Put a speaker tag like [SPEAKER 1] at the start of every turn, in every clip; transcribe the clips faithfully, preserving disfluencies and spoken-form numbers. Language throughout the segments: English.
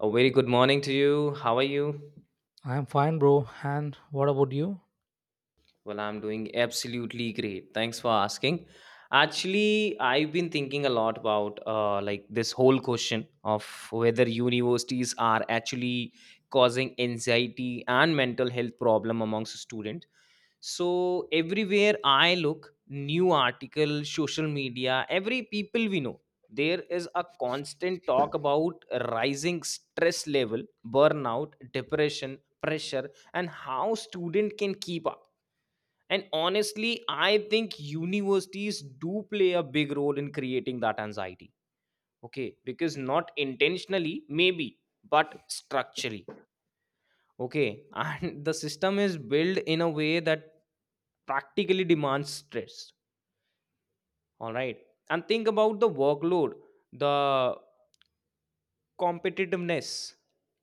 [SPEAKER 1] A very good morning to you. How are you?
[SPEAKER 2] I'm fine, bro. And what about you?
[SPEAKER 1] Well, I'm doing absolutely great. Thanks for asking. Actually, I've been thinking a lot about uh, like this whole question of whether universities are actually causing anxiety and mental health problem amongst students. So everywhere I look, new article, social media, every people we know, there is a constant talk about rising stress level, burnout, depression, pressure, and how student can keep up. And honestly, I think universities do play a big role in creating that anxiety. Okay, because not intentionally maybe, but structurally. Okay, and the system is built in a way that practically demands stress. All right. And think about the workload, the competitiveness,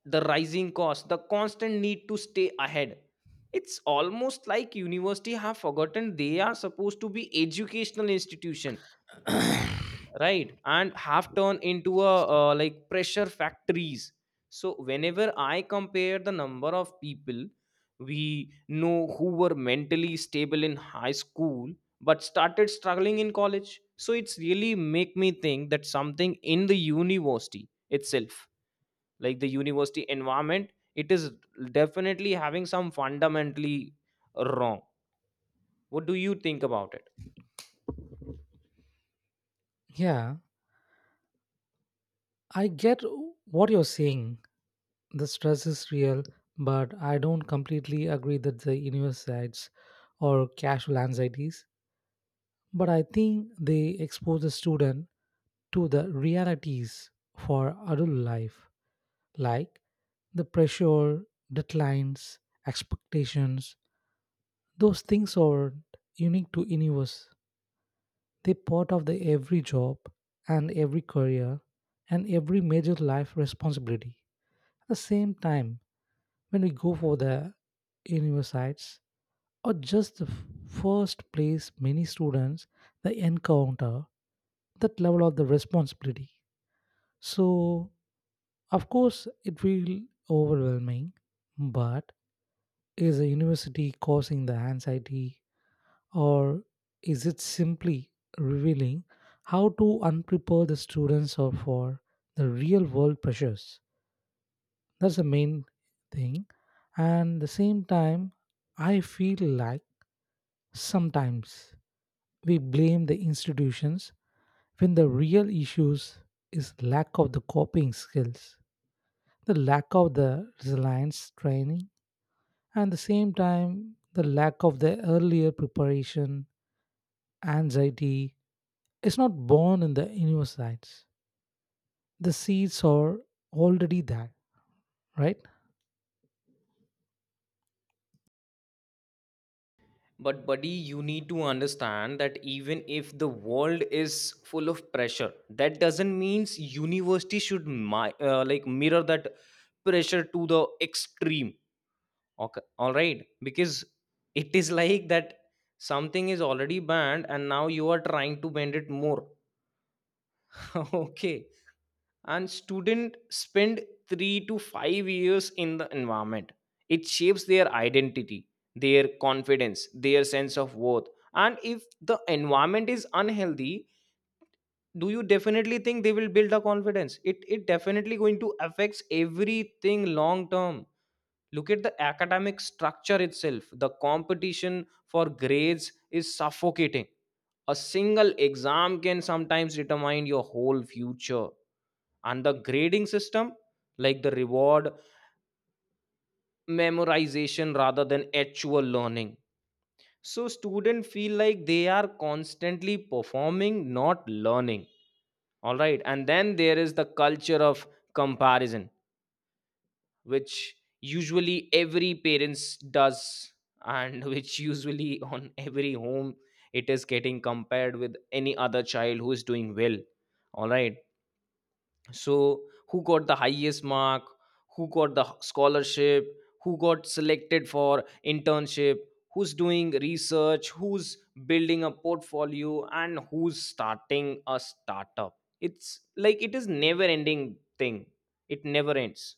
[SPEAKER 1] the rising cost, the constant need to stay ahead. It's almost like university have forgotten they are supposed to be educational institution, right, and have turned into a uh, like pressure factories. So whenever I compare the number of people we know who were mentally stable in high school but started struggling in college, so it's really make me think that something in the university itself, like the university environment, it is definitely having some fundamentally wrong. What do you think about it?
[SPEAKER 2] Yeah, I get what you're saying. The stress is real, but I don't completely agree that the universities or casual anxieties. But I think they expose the student to the realities for adult life, like the pressure, deadlines, expectations. Those things are unique to any of us. They're part of the every job and every career and every major life responsibility. At the same time, when we go for the universities, or just the f- first place many students they encounter that level of the responsibility. So, of course, it will overwhelming, but is a university causing the anxiety or is it simply revealing how to unprepare the students or for the real world pressures? That's the main thing. And the same time, I feel like sometimes we blame the institutions when the real issues is lack of the coping skills, the lack of the resilience training, and the same time the lack of the earlier preparation, anxiety is not born in the universities. The seeds are already there, right?
[SPEAKER 1] But, buddy, you need to understand that even if the world is full of pressure, that doesn't means university should mi- uh, like mirror that pressure to the extreme. Okay, all right, because it is like that something is already banned and now you are trying to bend it more. Okay, and students spend three to five years in the environment. It shapes their identity, their confidence, their sense of worth. And if the environment is unhealthy, do you definitely think they will build a confidence? It it definitely going to affects everything long term. Look at the academic structure itself. The competition for grades is suffocating. A single exam can sometimes determine your whole future. And the grading system, like, the reward memorization rather than actual learning, so students feel like they are constantly performing, not learning. All right, and then there is the culture of comparison, which usually every parents does, and which usually on every home, it is getting compared with any other child who is doing well. All right, so who got the highest mark, who got the scholarship, who got selected for internship, who's doing research, who's building a portfolio, and who's starting a startup? It's like it is never ending thing. It never ends.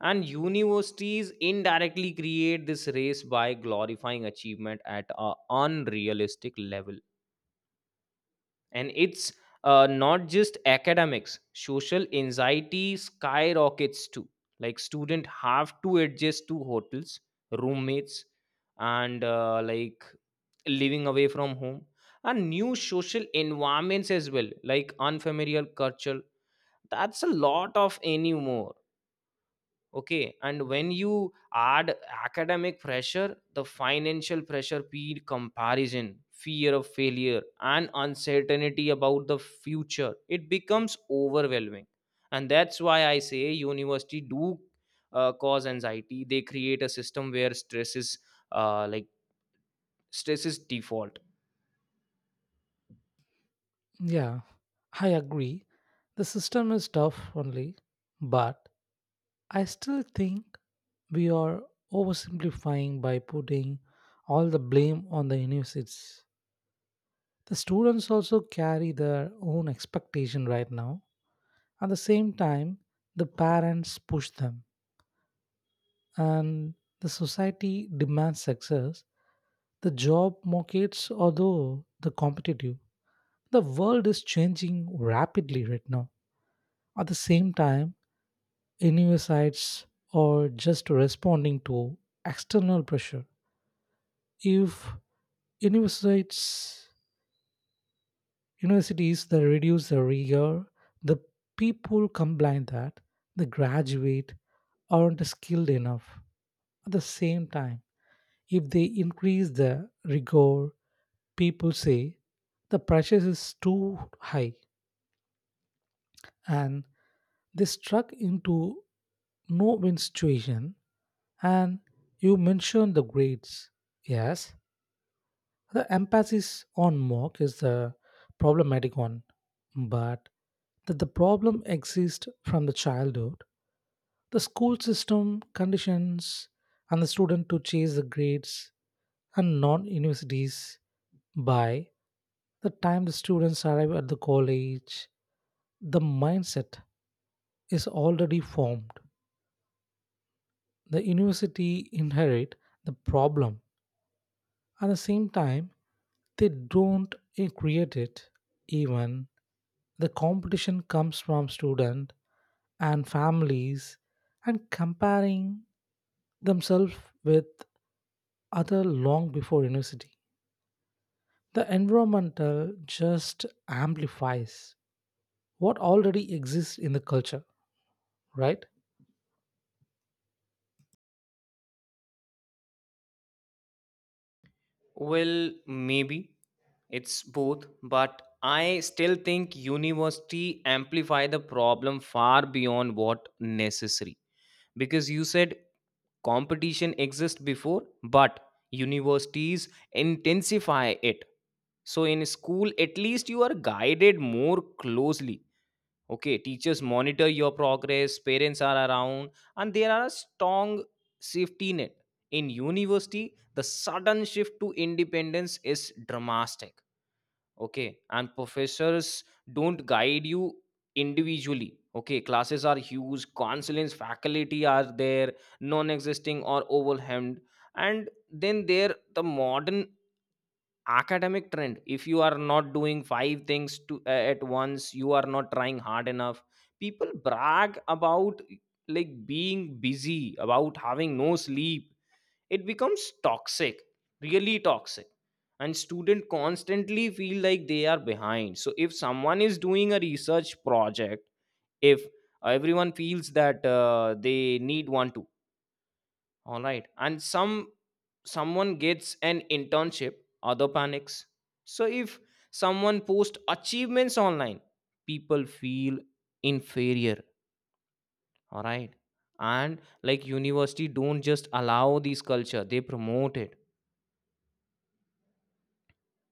[SPEAKER 1] And universities indirectly create this race by glorifying achievement at a unrealistic level. And it's uh, not just academics, social anxiety skyrockets too. Like student have to adjust to hotels, roommates, and uh, like living away from home and new social environments as well, like unfamiliar culture. That's a lot of anymore. Okay, and when you add academic pressure, the financial pressure, peer comparison, fear of failure, and uncertainty about the future, it becomes overwhelming. And that's why I say university do uh, cause anxiety. They create a system where stress is uh, like stress is default.
[SPEAKER 2] Yeah, I agree. The system is tough only, but I still think we are oversimplifying by putting all the blame on the universities. The students also carry their own expectation right now. At the same time, the parents push them and the society demands success. The job markets, although the competitive, the world is changing rapidly right now. At the same time, universities are just responding to external pressure. If universities Universities that reduce the rigor, the people complain that the graduate aren't skilled enough. At the same time, if they increase the rigor, people say the pressure is too high and they struck into no win situation. And you mentioned the grades. Yes, the emphasis on mock is the problematic one, but that the problem exists from the childhood. The school system conditions and the student to chase the grades and non universities by the time the students arrive at the college, the mindset is already formed. The university inherit the problem. At the same time, they don't eh, create it. Even the competition comes from student and families and comparing themselves with other long before university. The environmental just amplifies what already exists in the culture, right?
[SPEAKER 1] Well, maybe it's both, but I still think university amplify the problem far beyond what necessary. Because you said competition exists before, but universities intensify it. So in school, at least you are guided more closely. Okay, teachers monitor your progress, parents are around, and there are a strong safety net. In university, the sudden shift to independence is dramatic. Okay, and professors don't guide you individually. Okay, classes are huge, counselings, faculty are there, non-existing or overwhelmed. And then there the modern academic trend, if you are not doing five things to uh, at once, you are not trying hard enough. People brag about like being busy, about having no sleep. It becomes toxic, really toxic. And students constantly feel like they are behind. So if someone is doing a research project, if everyone feels that uh, they need one too. All right, and some someone gets an internship, other panics. So if someone posts achievements online, people feel inferior. All right, and like university don't just allow this culture, they promote it.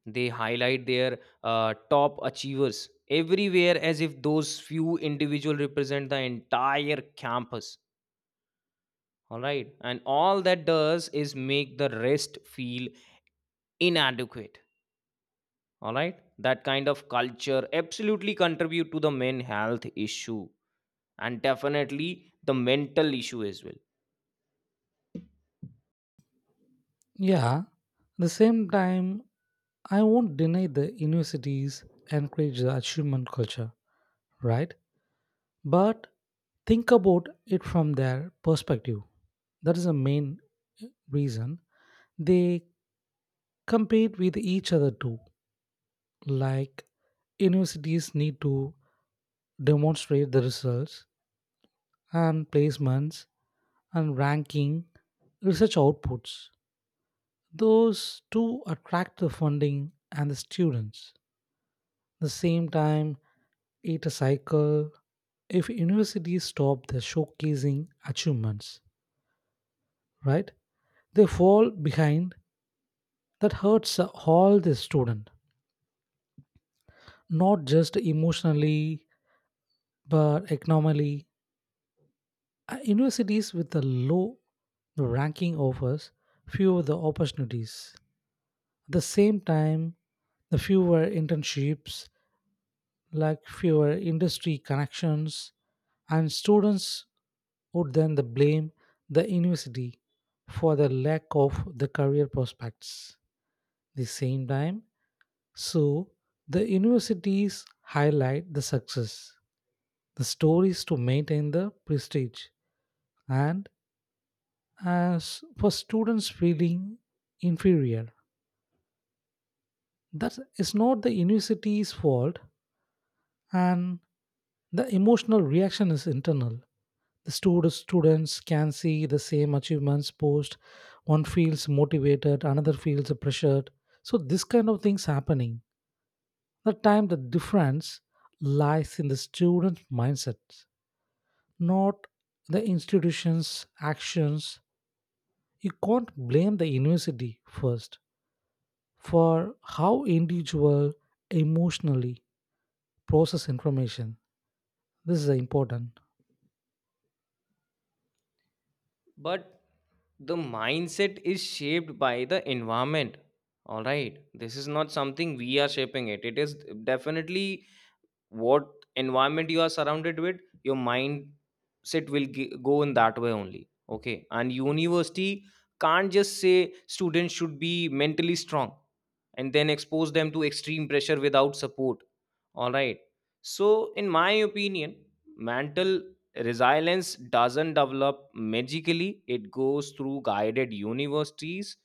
[SPEAKER 1] They highlight their uh, top achievers everywhere as if those few individual represent the entire campus. All right, and all that does is make the rest feel inadequate. All right, that kind of culture absolutely contribute to the men health issue and definitely the mental issue as well.
[SPEAKER 2] Yeah. At the same time, I won't deny the universities encourage the achievement culture, right? But think about it from their perspective. That is the main reason. They compete with each other too. Like universities need to demonstrate the results and placements and ranking research outputs. Those two attract the funding and the students. The same time, it a cycle if universities stop the showcasing achievements, right? They fall behind. That hurts all the student, not just emotionally but economically. Uh, Universities with a low ranking offers fewer the opportunities. At the same time, the fewer internships, like fewer industry connections, and students would then the blame the university for the lack of the career prospects. The same time, so the universities highlight the success, the stories to maintain the prestige, and as for students feeling inferior. That is not the university's fault, and the emotional reaction is internal. The stud- students can see the same achievements post. One feels motivated, another feels pressured. So this kind of things happening. The time the difference lies in the student mindset, not the institution's actions. You can't blame the university first for how individual emotionally process information. This is important.
[SPEAKER 1] But the mindset is shaped by the environment. All right, this is not something we are shaping it. It is definitely what environment you are surrounded with, your mindset will g- go in that way only. Okay, and university can't just say students should be mentally strong and then expose them to extreme pressure without support. All right. So, in my opinion, mental resilience doesn't develop magically. It goes through guided universities.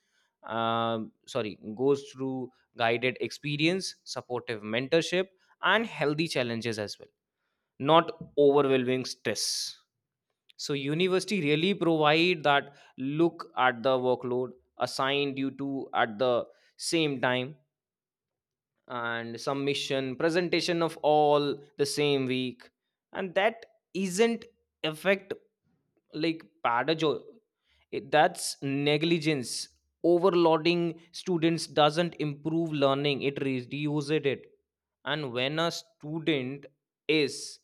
[SPEAKER 1] Um, sorry, goes through guided experience, supportive mentorship, and healthy challenges as well. Not overwhelming stress. So, university really provide that. Look at the workload assigned you to at the same time, and submission presentation of all the same week, and that isn't affect like pedagogy. It- that's negligence. Overloading students doesn't improve learning, it reduces it. And when a student is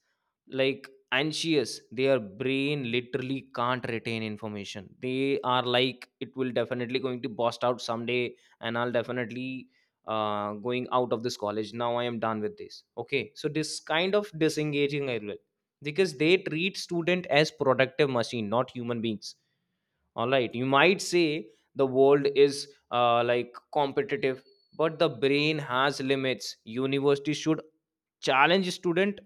[SPEAKER 1] like anxious, their brain literally can't retain information. They are like, it will definitely going to bust out someday. And I'll definitely uh, going out of this college, now I am done with this. Okay, so this kind of disengaging I will, because they treat student as productive machine, not human beings. All right, you might say the world is uh, like competitive, but the brain has limits. University should challenge student,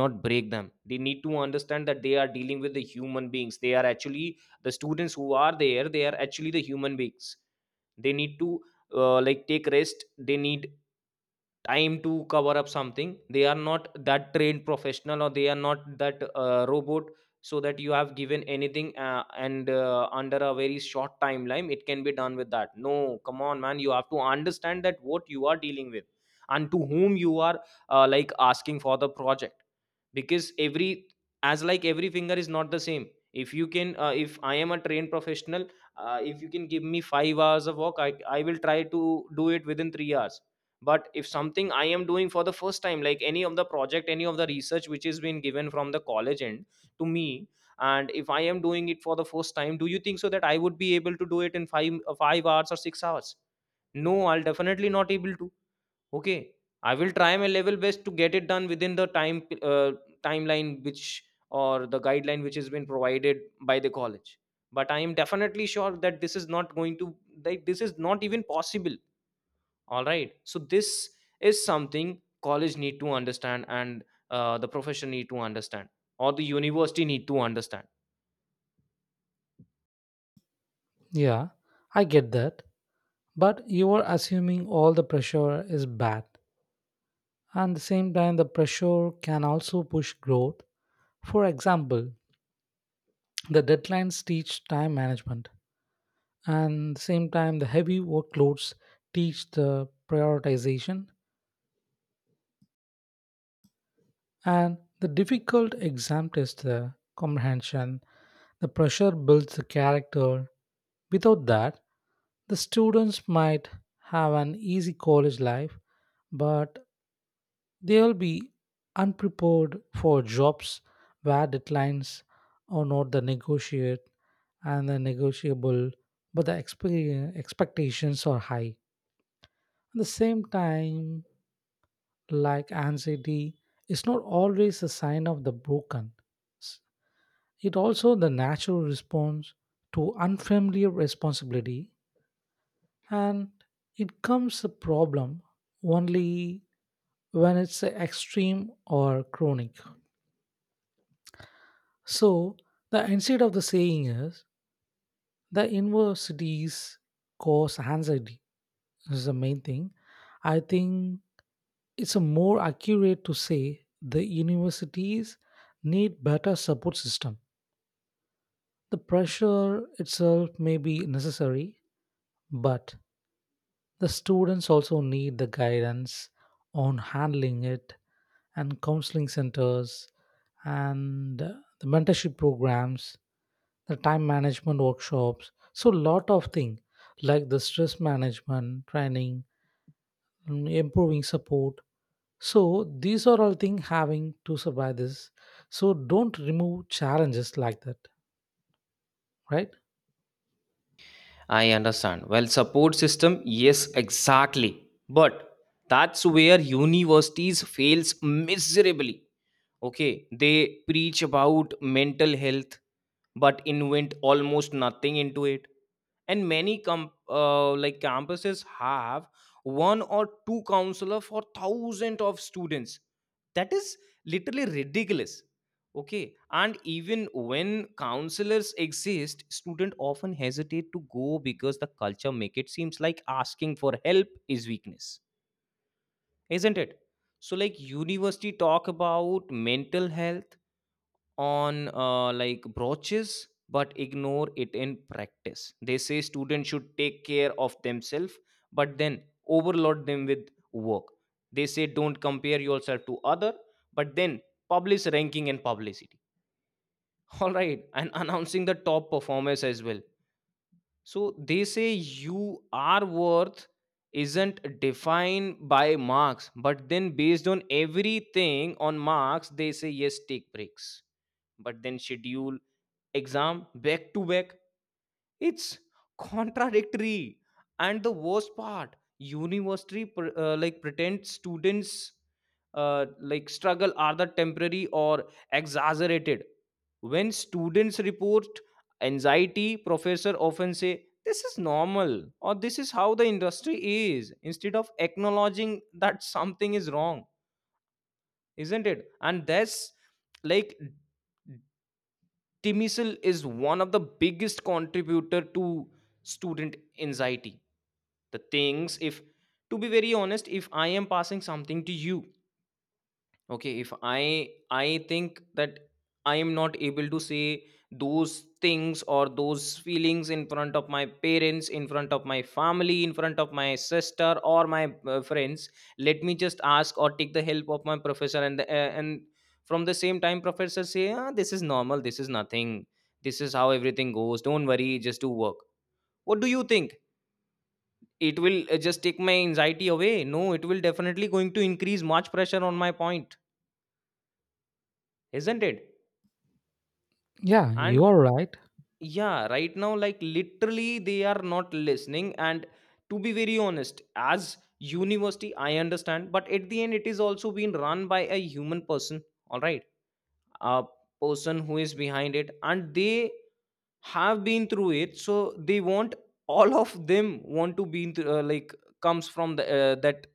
[SPEAKER 1] not break them. They need to understand that they are dealing with the human beings. They are actually the students who are there. They are actually the human beings. They need to uh, like take rest. They need time to cover up something. They are not that trained professional, or they are not that uh, robot, so that you have given anything uh, and uh, under a very short timeline it can be done with that. No, come on, man. You have to understand that what you are dealing with and to whom you are uh, like asking for the project. Because every, as like every finger is not the same. If you can uh, if I am a trained professional, uh, if you can give me five hours of work, I, I will try to do it within three hours. But if something I am doing for the first time, like any of the project, any of the research which is been given from the college end to me, and if I am doing it for the first time, do you think so that I would be able to do it in five uh, five hours or six hours? No, I'll definitely not able to. Okay, I will try my level best to get it done within the time uh, timeline which, or the guideline which has been provided by the college. But I am definitely sure that this is not going to, like, this is not even possible. All right, so this is something college need to understand, and uh, the profession need to understand, or the university need to understand.
[SPEAKER 2] Yeah, I get that, but you are assuming all the pressure is bad and the same time the pressure can also push growth. For example, the deadlines teach time management and the same time the heavy workloads teach the prioritization. And the difficult exam tests the comprehension. The pressure builds the character. Without that, the students might have an easy college life, but they will be unprepared for jobs where deadlines are not the negotiate and the negotiable, but the expe- expectations are high. At the same time, like anxiety is not always a sign of the broken. S- It also the natural response to unfamiliar responsibility and it comes a problem only when it's extreme or chronic. So the instead of the saying is the universities cause anxiety is the main thing. I think it's a more accurate to say the universities need better support system. The pressure itself may be necessary, but the students also need the guidance on handling it and counseling centers and uh, the mentorship programs, the time management workshops. So, lot of things like the stress management training, mm, improving support. So, these are all things having to survive this. So, don't remove challenges like that, right?
[SPEAKER 1] I understand. Well, support system, yes, exactly. But that's where universities fails miserably. Okay, they preach about mental health but invent almost nothing into it. And many com- uh, like campuses have one or two counselor for thousands of students. That is literally ridiculous. Okay, and even when counselors exist, student often hesitate to go because the culture make it seems like asking for help is weakness, isn't it? So like university talk about mental health on uh, like brooches, but ignore it in practice. They say students should take care of themselves, but then overload them with work. They say don't compare yourself to other, but then publish ranking and publicity. All right, and announcing the top performers as well. So they say you are worth isn't defined by marks, but then based on everything on marks. They say yes, take breaks, but then schedule exam back to back. It's contradictory. And the worst part, university pr- uh, like pretend students uh, like struggle are the temporary or exaggerated. When students report anxiety, professor often say this is normal or this is how the industry is, instead of acknowledging that something is wrong, isn't it? And that's like Timisil is one of the biggest contributor to student anxiety. The things if to be very honest, if I am passing something to you, okay, if i I think that I am not able to say those things or those feelings in front of my parents, in front of my family, in front of my sister, or my uh, friends. Let me just ask or take the help of my professor, and the, uh, and from the same time professor say, ah, this is normal, this is nothing, this is how everything goes, don't worry, just do work. What do you think? It will uh, just take my anxiety away? No, it will definitely going to increase much pressure on my point, isn't it?
[SPEAKER 2] Yeah, you
[SPEAKER 1] And
[SPEAKER 2] are right.
[SPEAKER 1] yeah, right now like literally they are not listening. And to be very honest, as university I understand, but at the end it is also being run by a human person. All right, a person who is behind it, and they have been through it, so they want, all of them want to be in th- uh, like, comes from the uh, that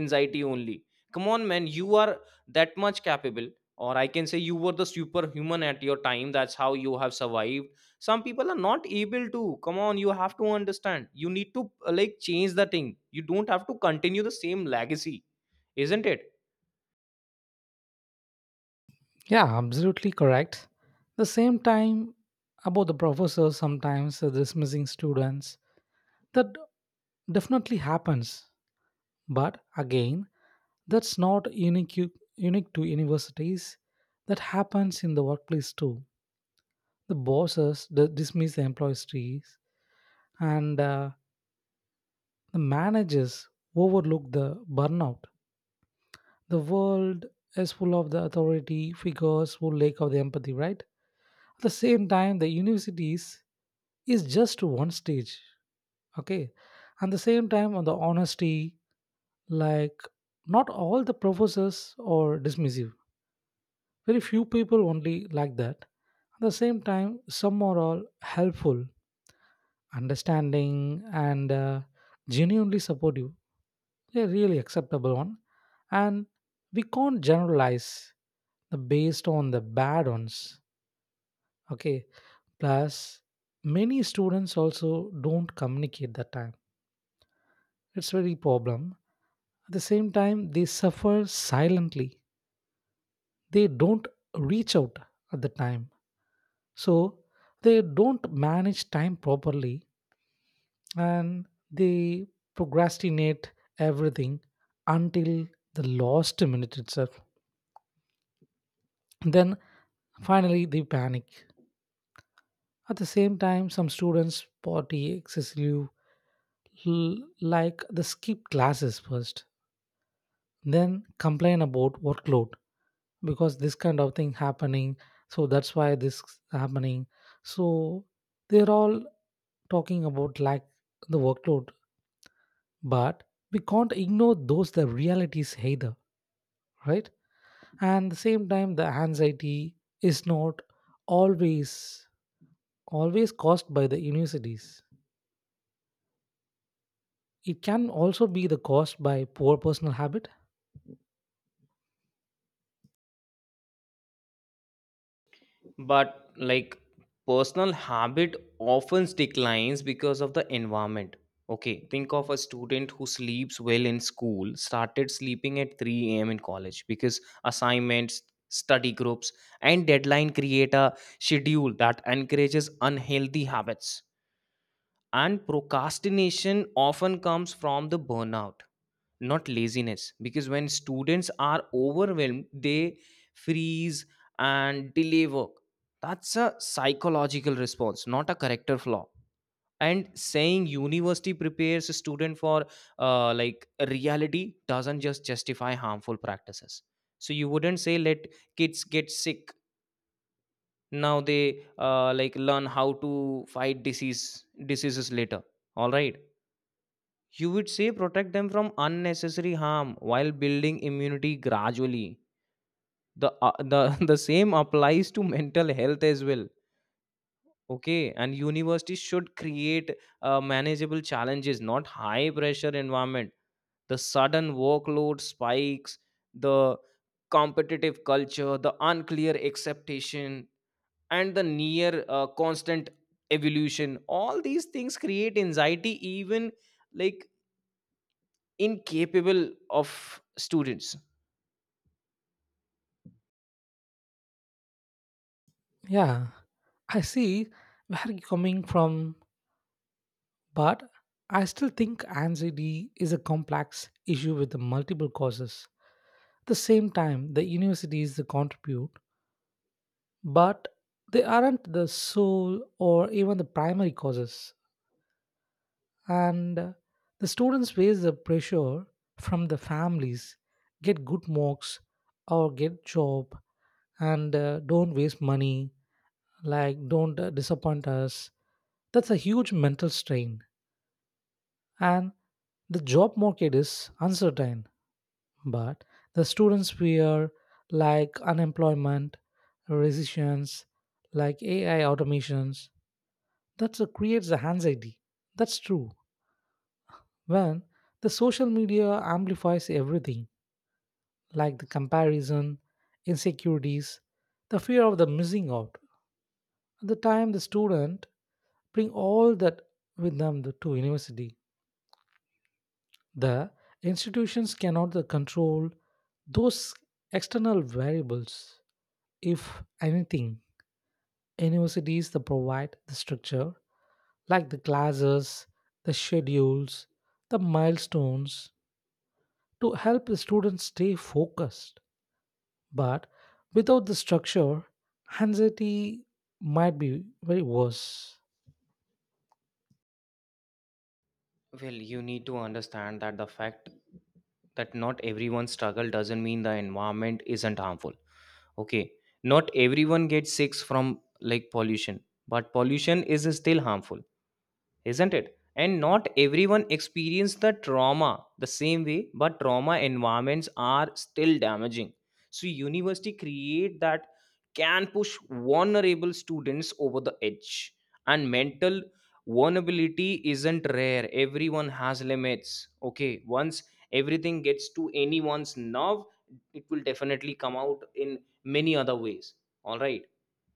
[SPEAKER 1] anxiety only. Come on man, you are that much capable, or I can say you were the superhuman at your time, that's how you have survived. Some people are not able to. Come on, you have to understand, you need to uh, like change the thing, you don't have to continue the same legacy, isn't it?
[SPEAKER 2] Yeah, absolutely correct. The same time, about the professors sometimes dismissing students, that definitely happens. But again, that's not unique unique to universities. That happens in the workplace too. The bosses d- dismiss the employees, and uh, the managers overlook the burnout. The world is full of the authority figures who lack of the empathy. Right. At the same time, the universities is just one stage. Okay, and the same time on the honesty, like not all the professors are dismissive. Very few people only like that. At the same time some are all helpful, understanding and uh, genuinely supportive. They're really acceptable one. And we can't generalize the based on the bad ones. Okay, plus many students also don't communicate that time. It's very problem. At the same time, they suffer silently. They don't reach out at the time. So they don't manage time properly and they procrastinate everything until the last minute itself. Then finally they panic. At the same time, some students party excessively, l- like they skip classes first, then complain about workload because this kind of thing happening. So that's why this happening. So they're all talking about like the workload, but we can't ignore those the realities either, right? And the same time the anxiety is not always always caused by the universities. It can also be the caused by poor personal habit.
[SPEAKER 1] But like personal habit often declines because of the environment. Okay, think of a student who sleeps well in school started sleeping at three a.m. in college because assignments, study groups, and deadline create a schedule that encourages unhealthy habits. And procrastination often comes from the burnout, not laziness. Because when students are overwhelmed, they freeze and delay work. That's a psychological response, not a character flaw. And saying university prepares a student for uh, like reality doesn't just justify harmful practices. So you wouldn't say let kids get sick now they uh, like learn how to fight disease diseases later. All right, you would say protect them from unnecessary harm while building immunity gradually. The, uh, the, the same applies to mental health as well. Okay, and universities should create uh, manageable challenges, not high pressure environment. The sudden workload spikes, the competitive culture, the unclear acceptation, and the near uh, constant evolution. All these things create anxiety, even like incapable of students.
[SPEAKER 2] Yeah, I see where you coming from. But I still think anxiety is a complex issue with the multiple causes. At the same time, the universities they contribute, but they aren't the sole or even the primary causes. And the students face the pressure from the families, get good marks or get job and uh, don't waste money, like don't uh, disappoint us. That's a huge mental strain. And the job market is uncertain but the students fear like unemployment, recessions, like A I automations. That creates the anxiety. That's true. When the social media amplifies everything, like the comparison, insecurities, the fear of the missing out. At the time, the student bring all that with them to to university. The institutions cannot the control those external variables, if anything. Universities that provide the structure, like the classes, the schedules, the milestones, to help the students stay focused. But without the structure, anxiety might be very worse.
[SPEAKER 1] Well, you need to understand that the fact that not everyone struggle doesn't mean the environment isn't harmful. Okay, not everyone gets sick from like pollution, but pollution is still harmful, isn't it? And not everyone experience the trauma the same way, but trauma environments are still damaging. So university create that can push vulnerable students over the edge. And mental vulnerability isn't rare, everyone has limits. Okay, once everything gets to anyone's nerve, it will definitely come out in many other ways. All right,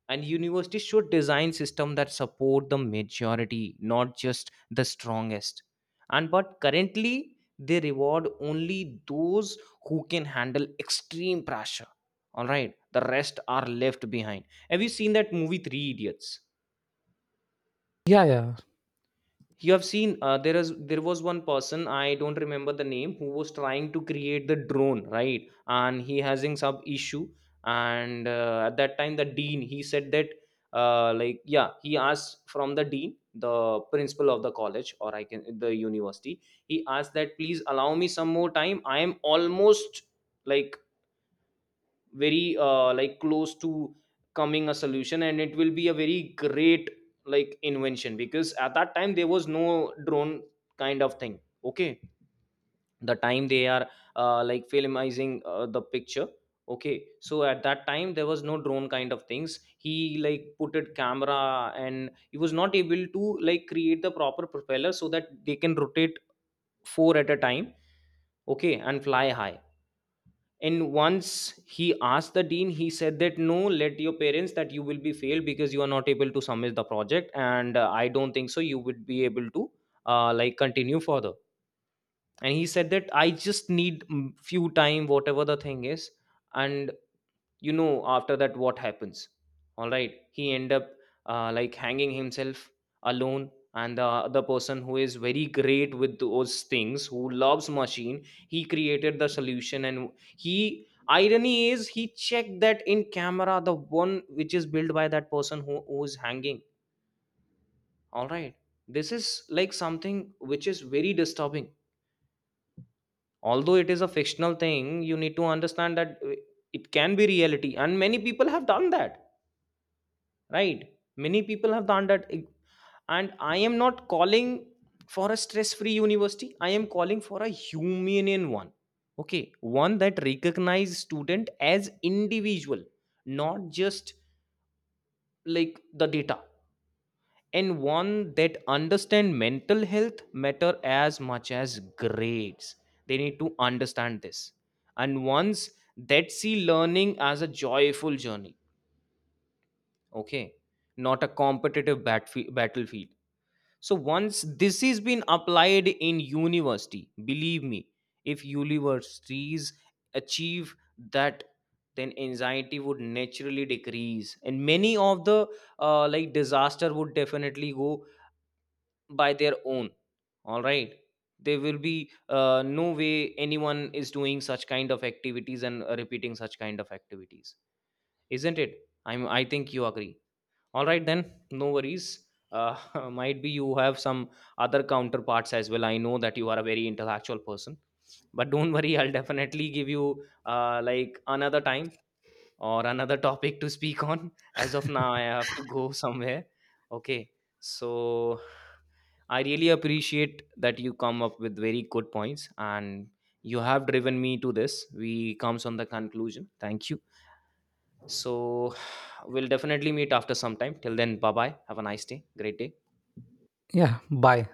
[SPEAKER 1] and universities should design system that support the majority, not just the strongest. And but currently they reward only those who can handle extreme pressure. All right, the rest are left behind. Have you seen that movie Three Idiots?
[SPEAKER 2] Yeah, yeah,
[SPEAKER 1] You have seen, uh, there is there was one person, I don't remember the name, who was trying to create the drone, right? And he having some issue. And uh, at that time the dean, he said that, uh, like yeah, he asked from the dean, the principal of the college, or I can the university. He asked that, please allow me some more time, I am almost like very uh, like close to coming a solution, and it will be a very great like invention. Because at that time there was no drone kind of thing, okay. The time they are uh, like filmizing uh, the picture. Okay, so at that time there was no drone kind of things, he like put it camera, and he was not able to like create the proper propeller so that they can rotate four at a time, okay, and fly high. And once he asked the dean, he said that, no, let your parents that you will be failed because you are not able to submit the project, and uh, I don't think so you would be able to uh, like continue further. And he said that, I just need mm, few time whatever the thing is. And you know after that what happens? All right, he end up uh, like hanging himself alone. And the other person who is very great with those things, who loves machine, he created the solution. And he irony is, he checked that in camera, the one which is built by that person who, who is hanging. All right, this is like something which is very disturbing. Although it is a fictional thing, you need to understand that uh, it can be reality, and many people have done that, right? Many people have done that. And I am not calling for a stress free university, I am calling for a humane one. Okay, one that recognizes student as individual, not just like the data. And one that understand mental health matter as much as grades. They need to understand this. And ones that see learning as a joyful journey, okay, not a competitive batf- battlefield. So once this is been applied in university, believe me, if universities achieve that, then anxiety would naturally decrease, and many of the uh, like disaster would definitely go by their own. All right, there will be uh, no way anyone is doing such kind of activities and uh, repeating such kind of activities, isn't it? I'm. I think you agree. All right then, no worries. uh, might be you have some other counterparts as well, I know that you are a very intellectual person. But don't worry, I'll definitely give you uh, like another time or another topic to speak on. As of now I have to go somewhere, okay. So I really appreciate that you come up with very good points, and you have driven me to this, we comes on the conclusion. Thank you. So we'll definitely meet after some time. Till then, bye bye. Have a nice day. Great day.
[SPEAKER 2] yeah. Bye.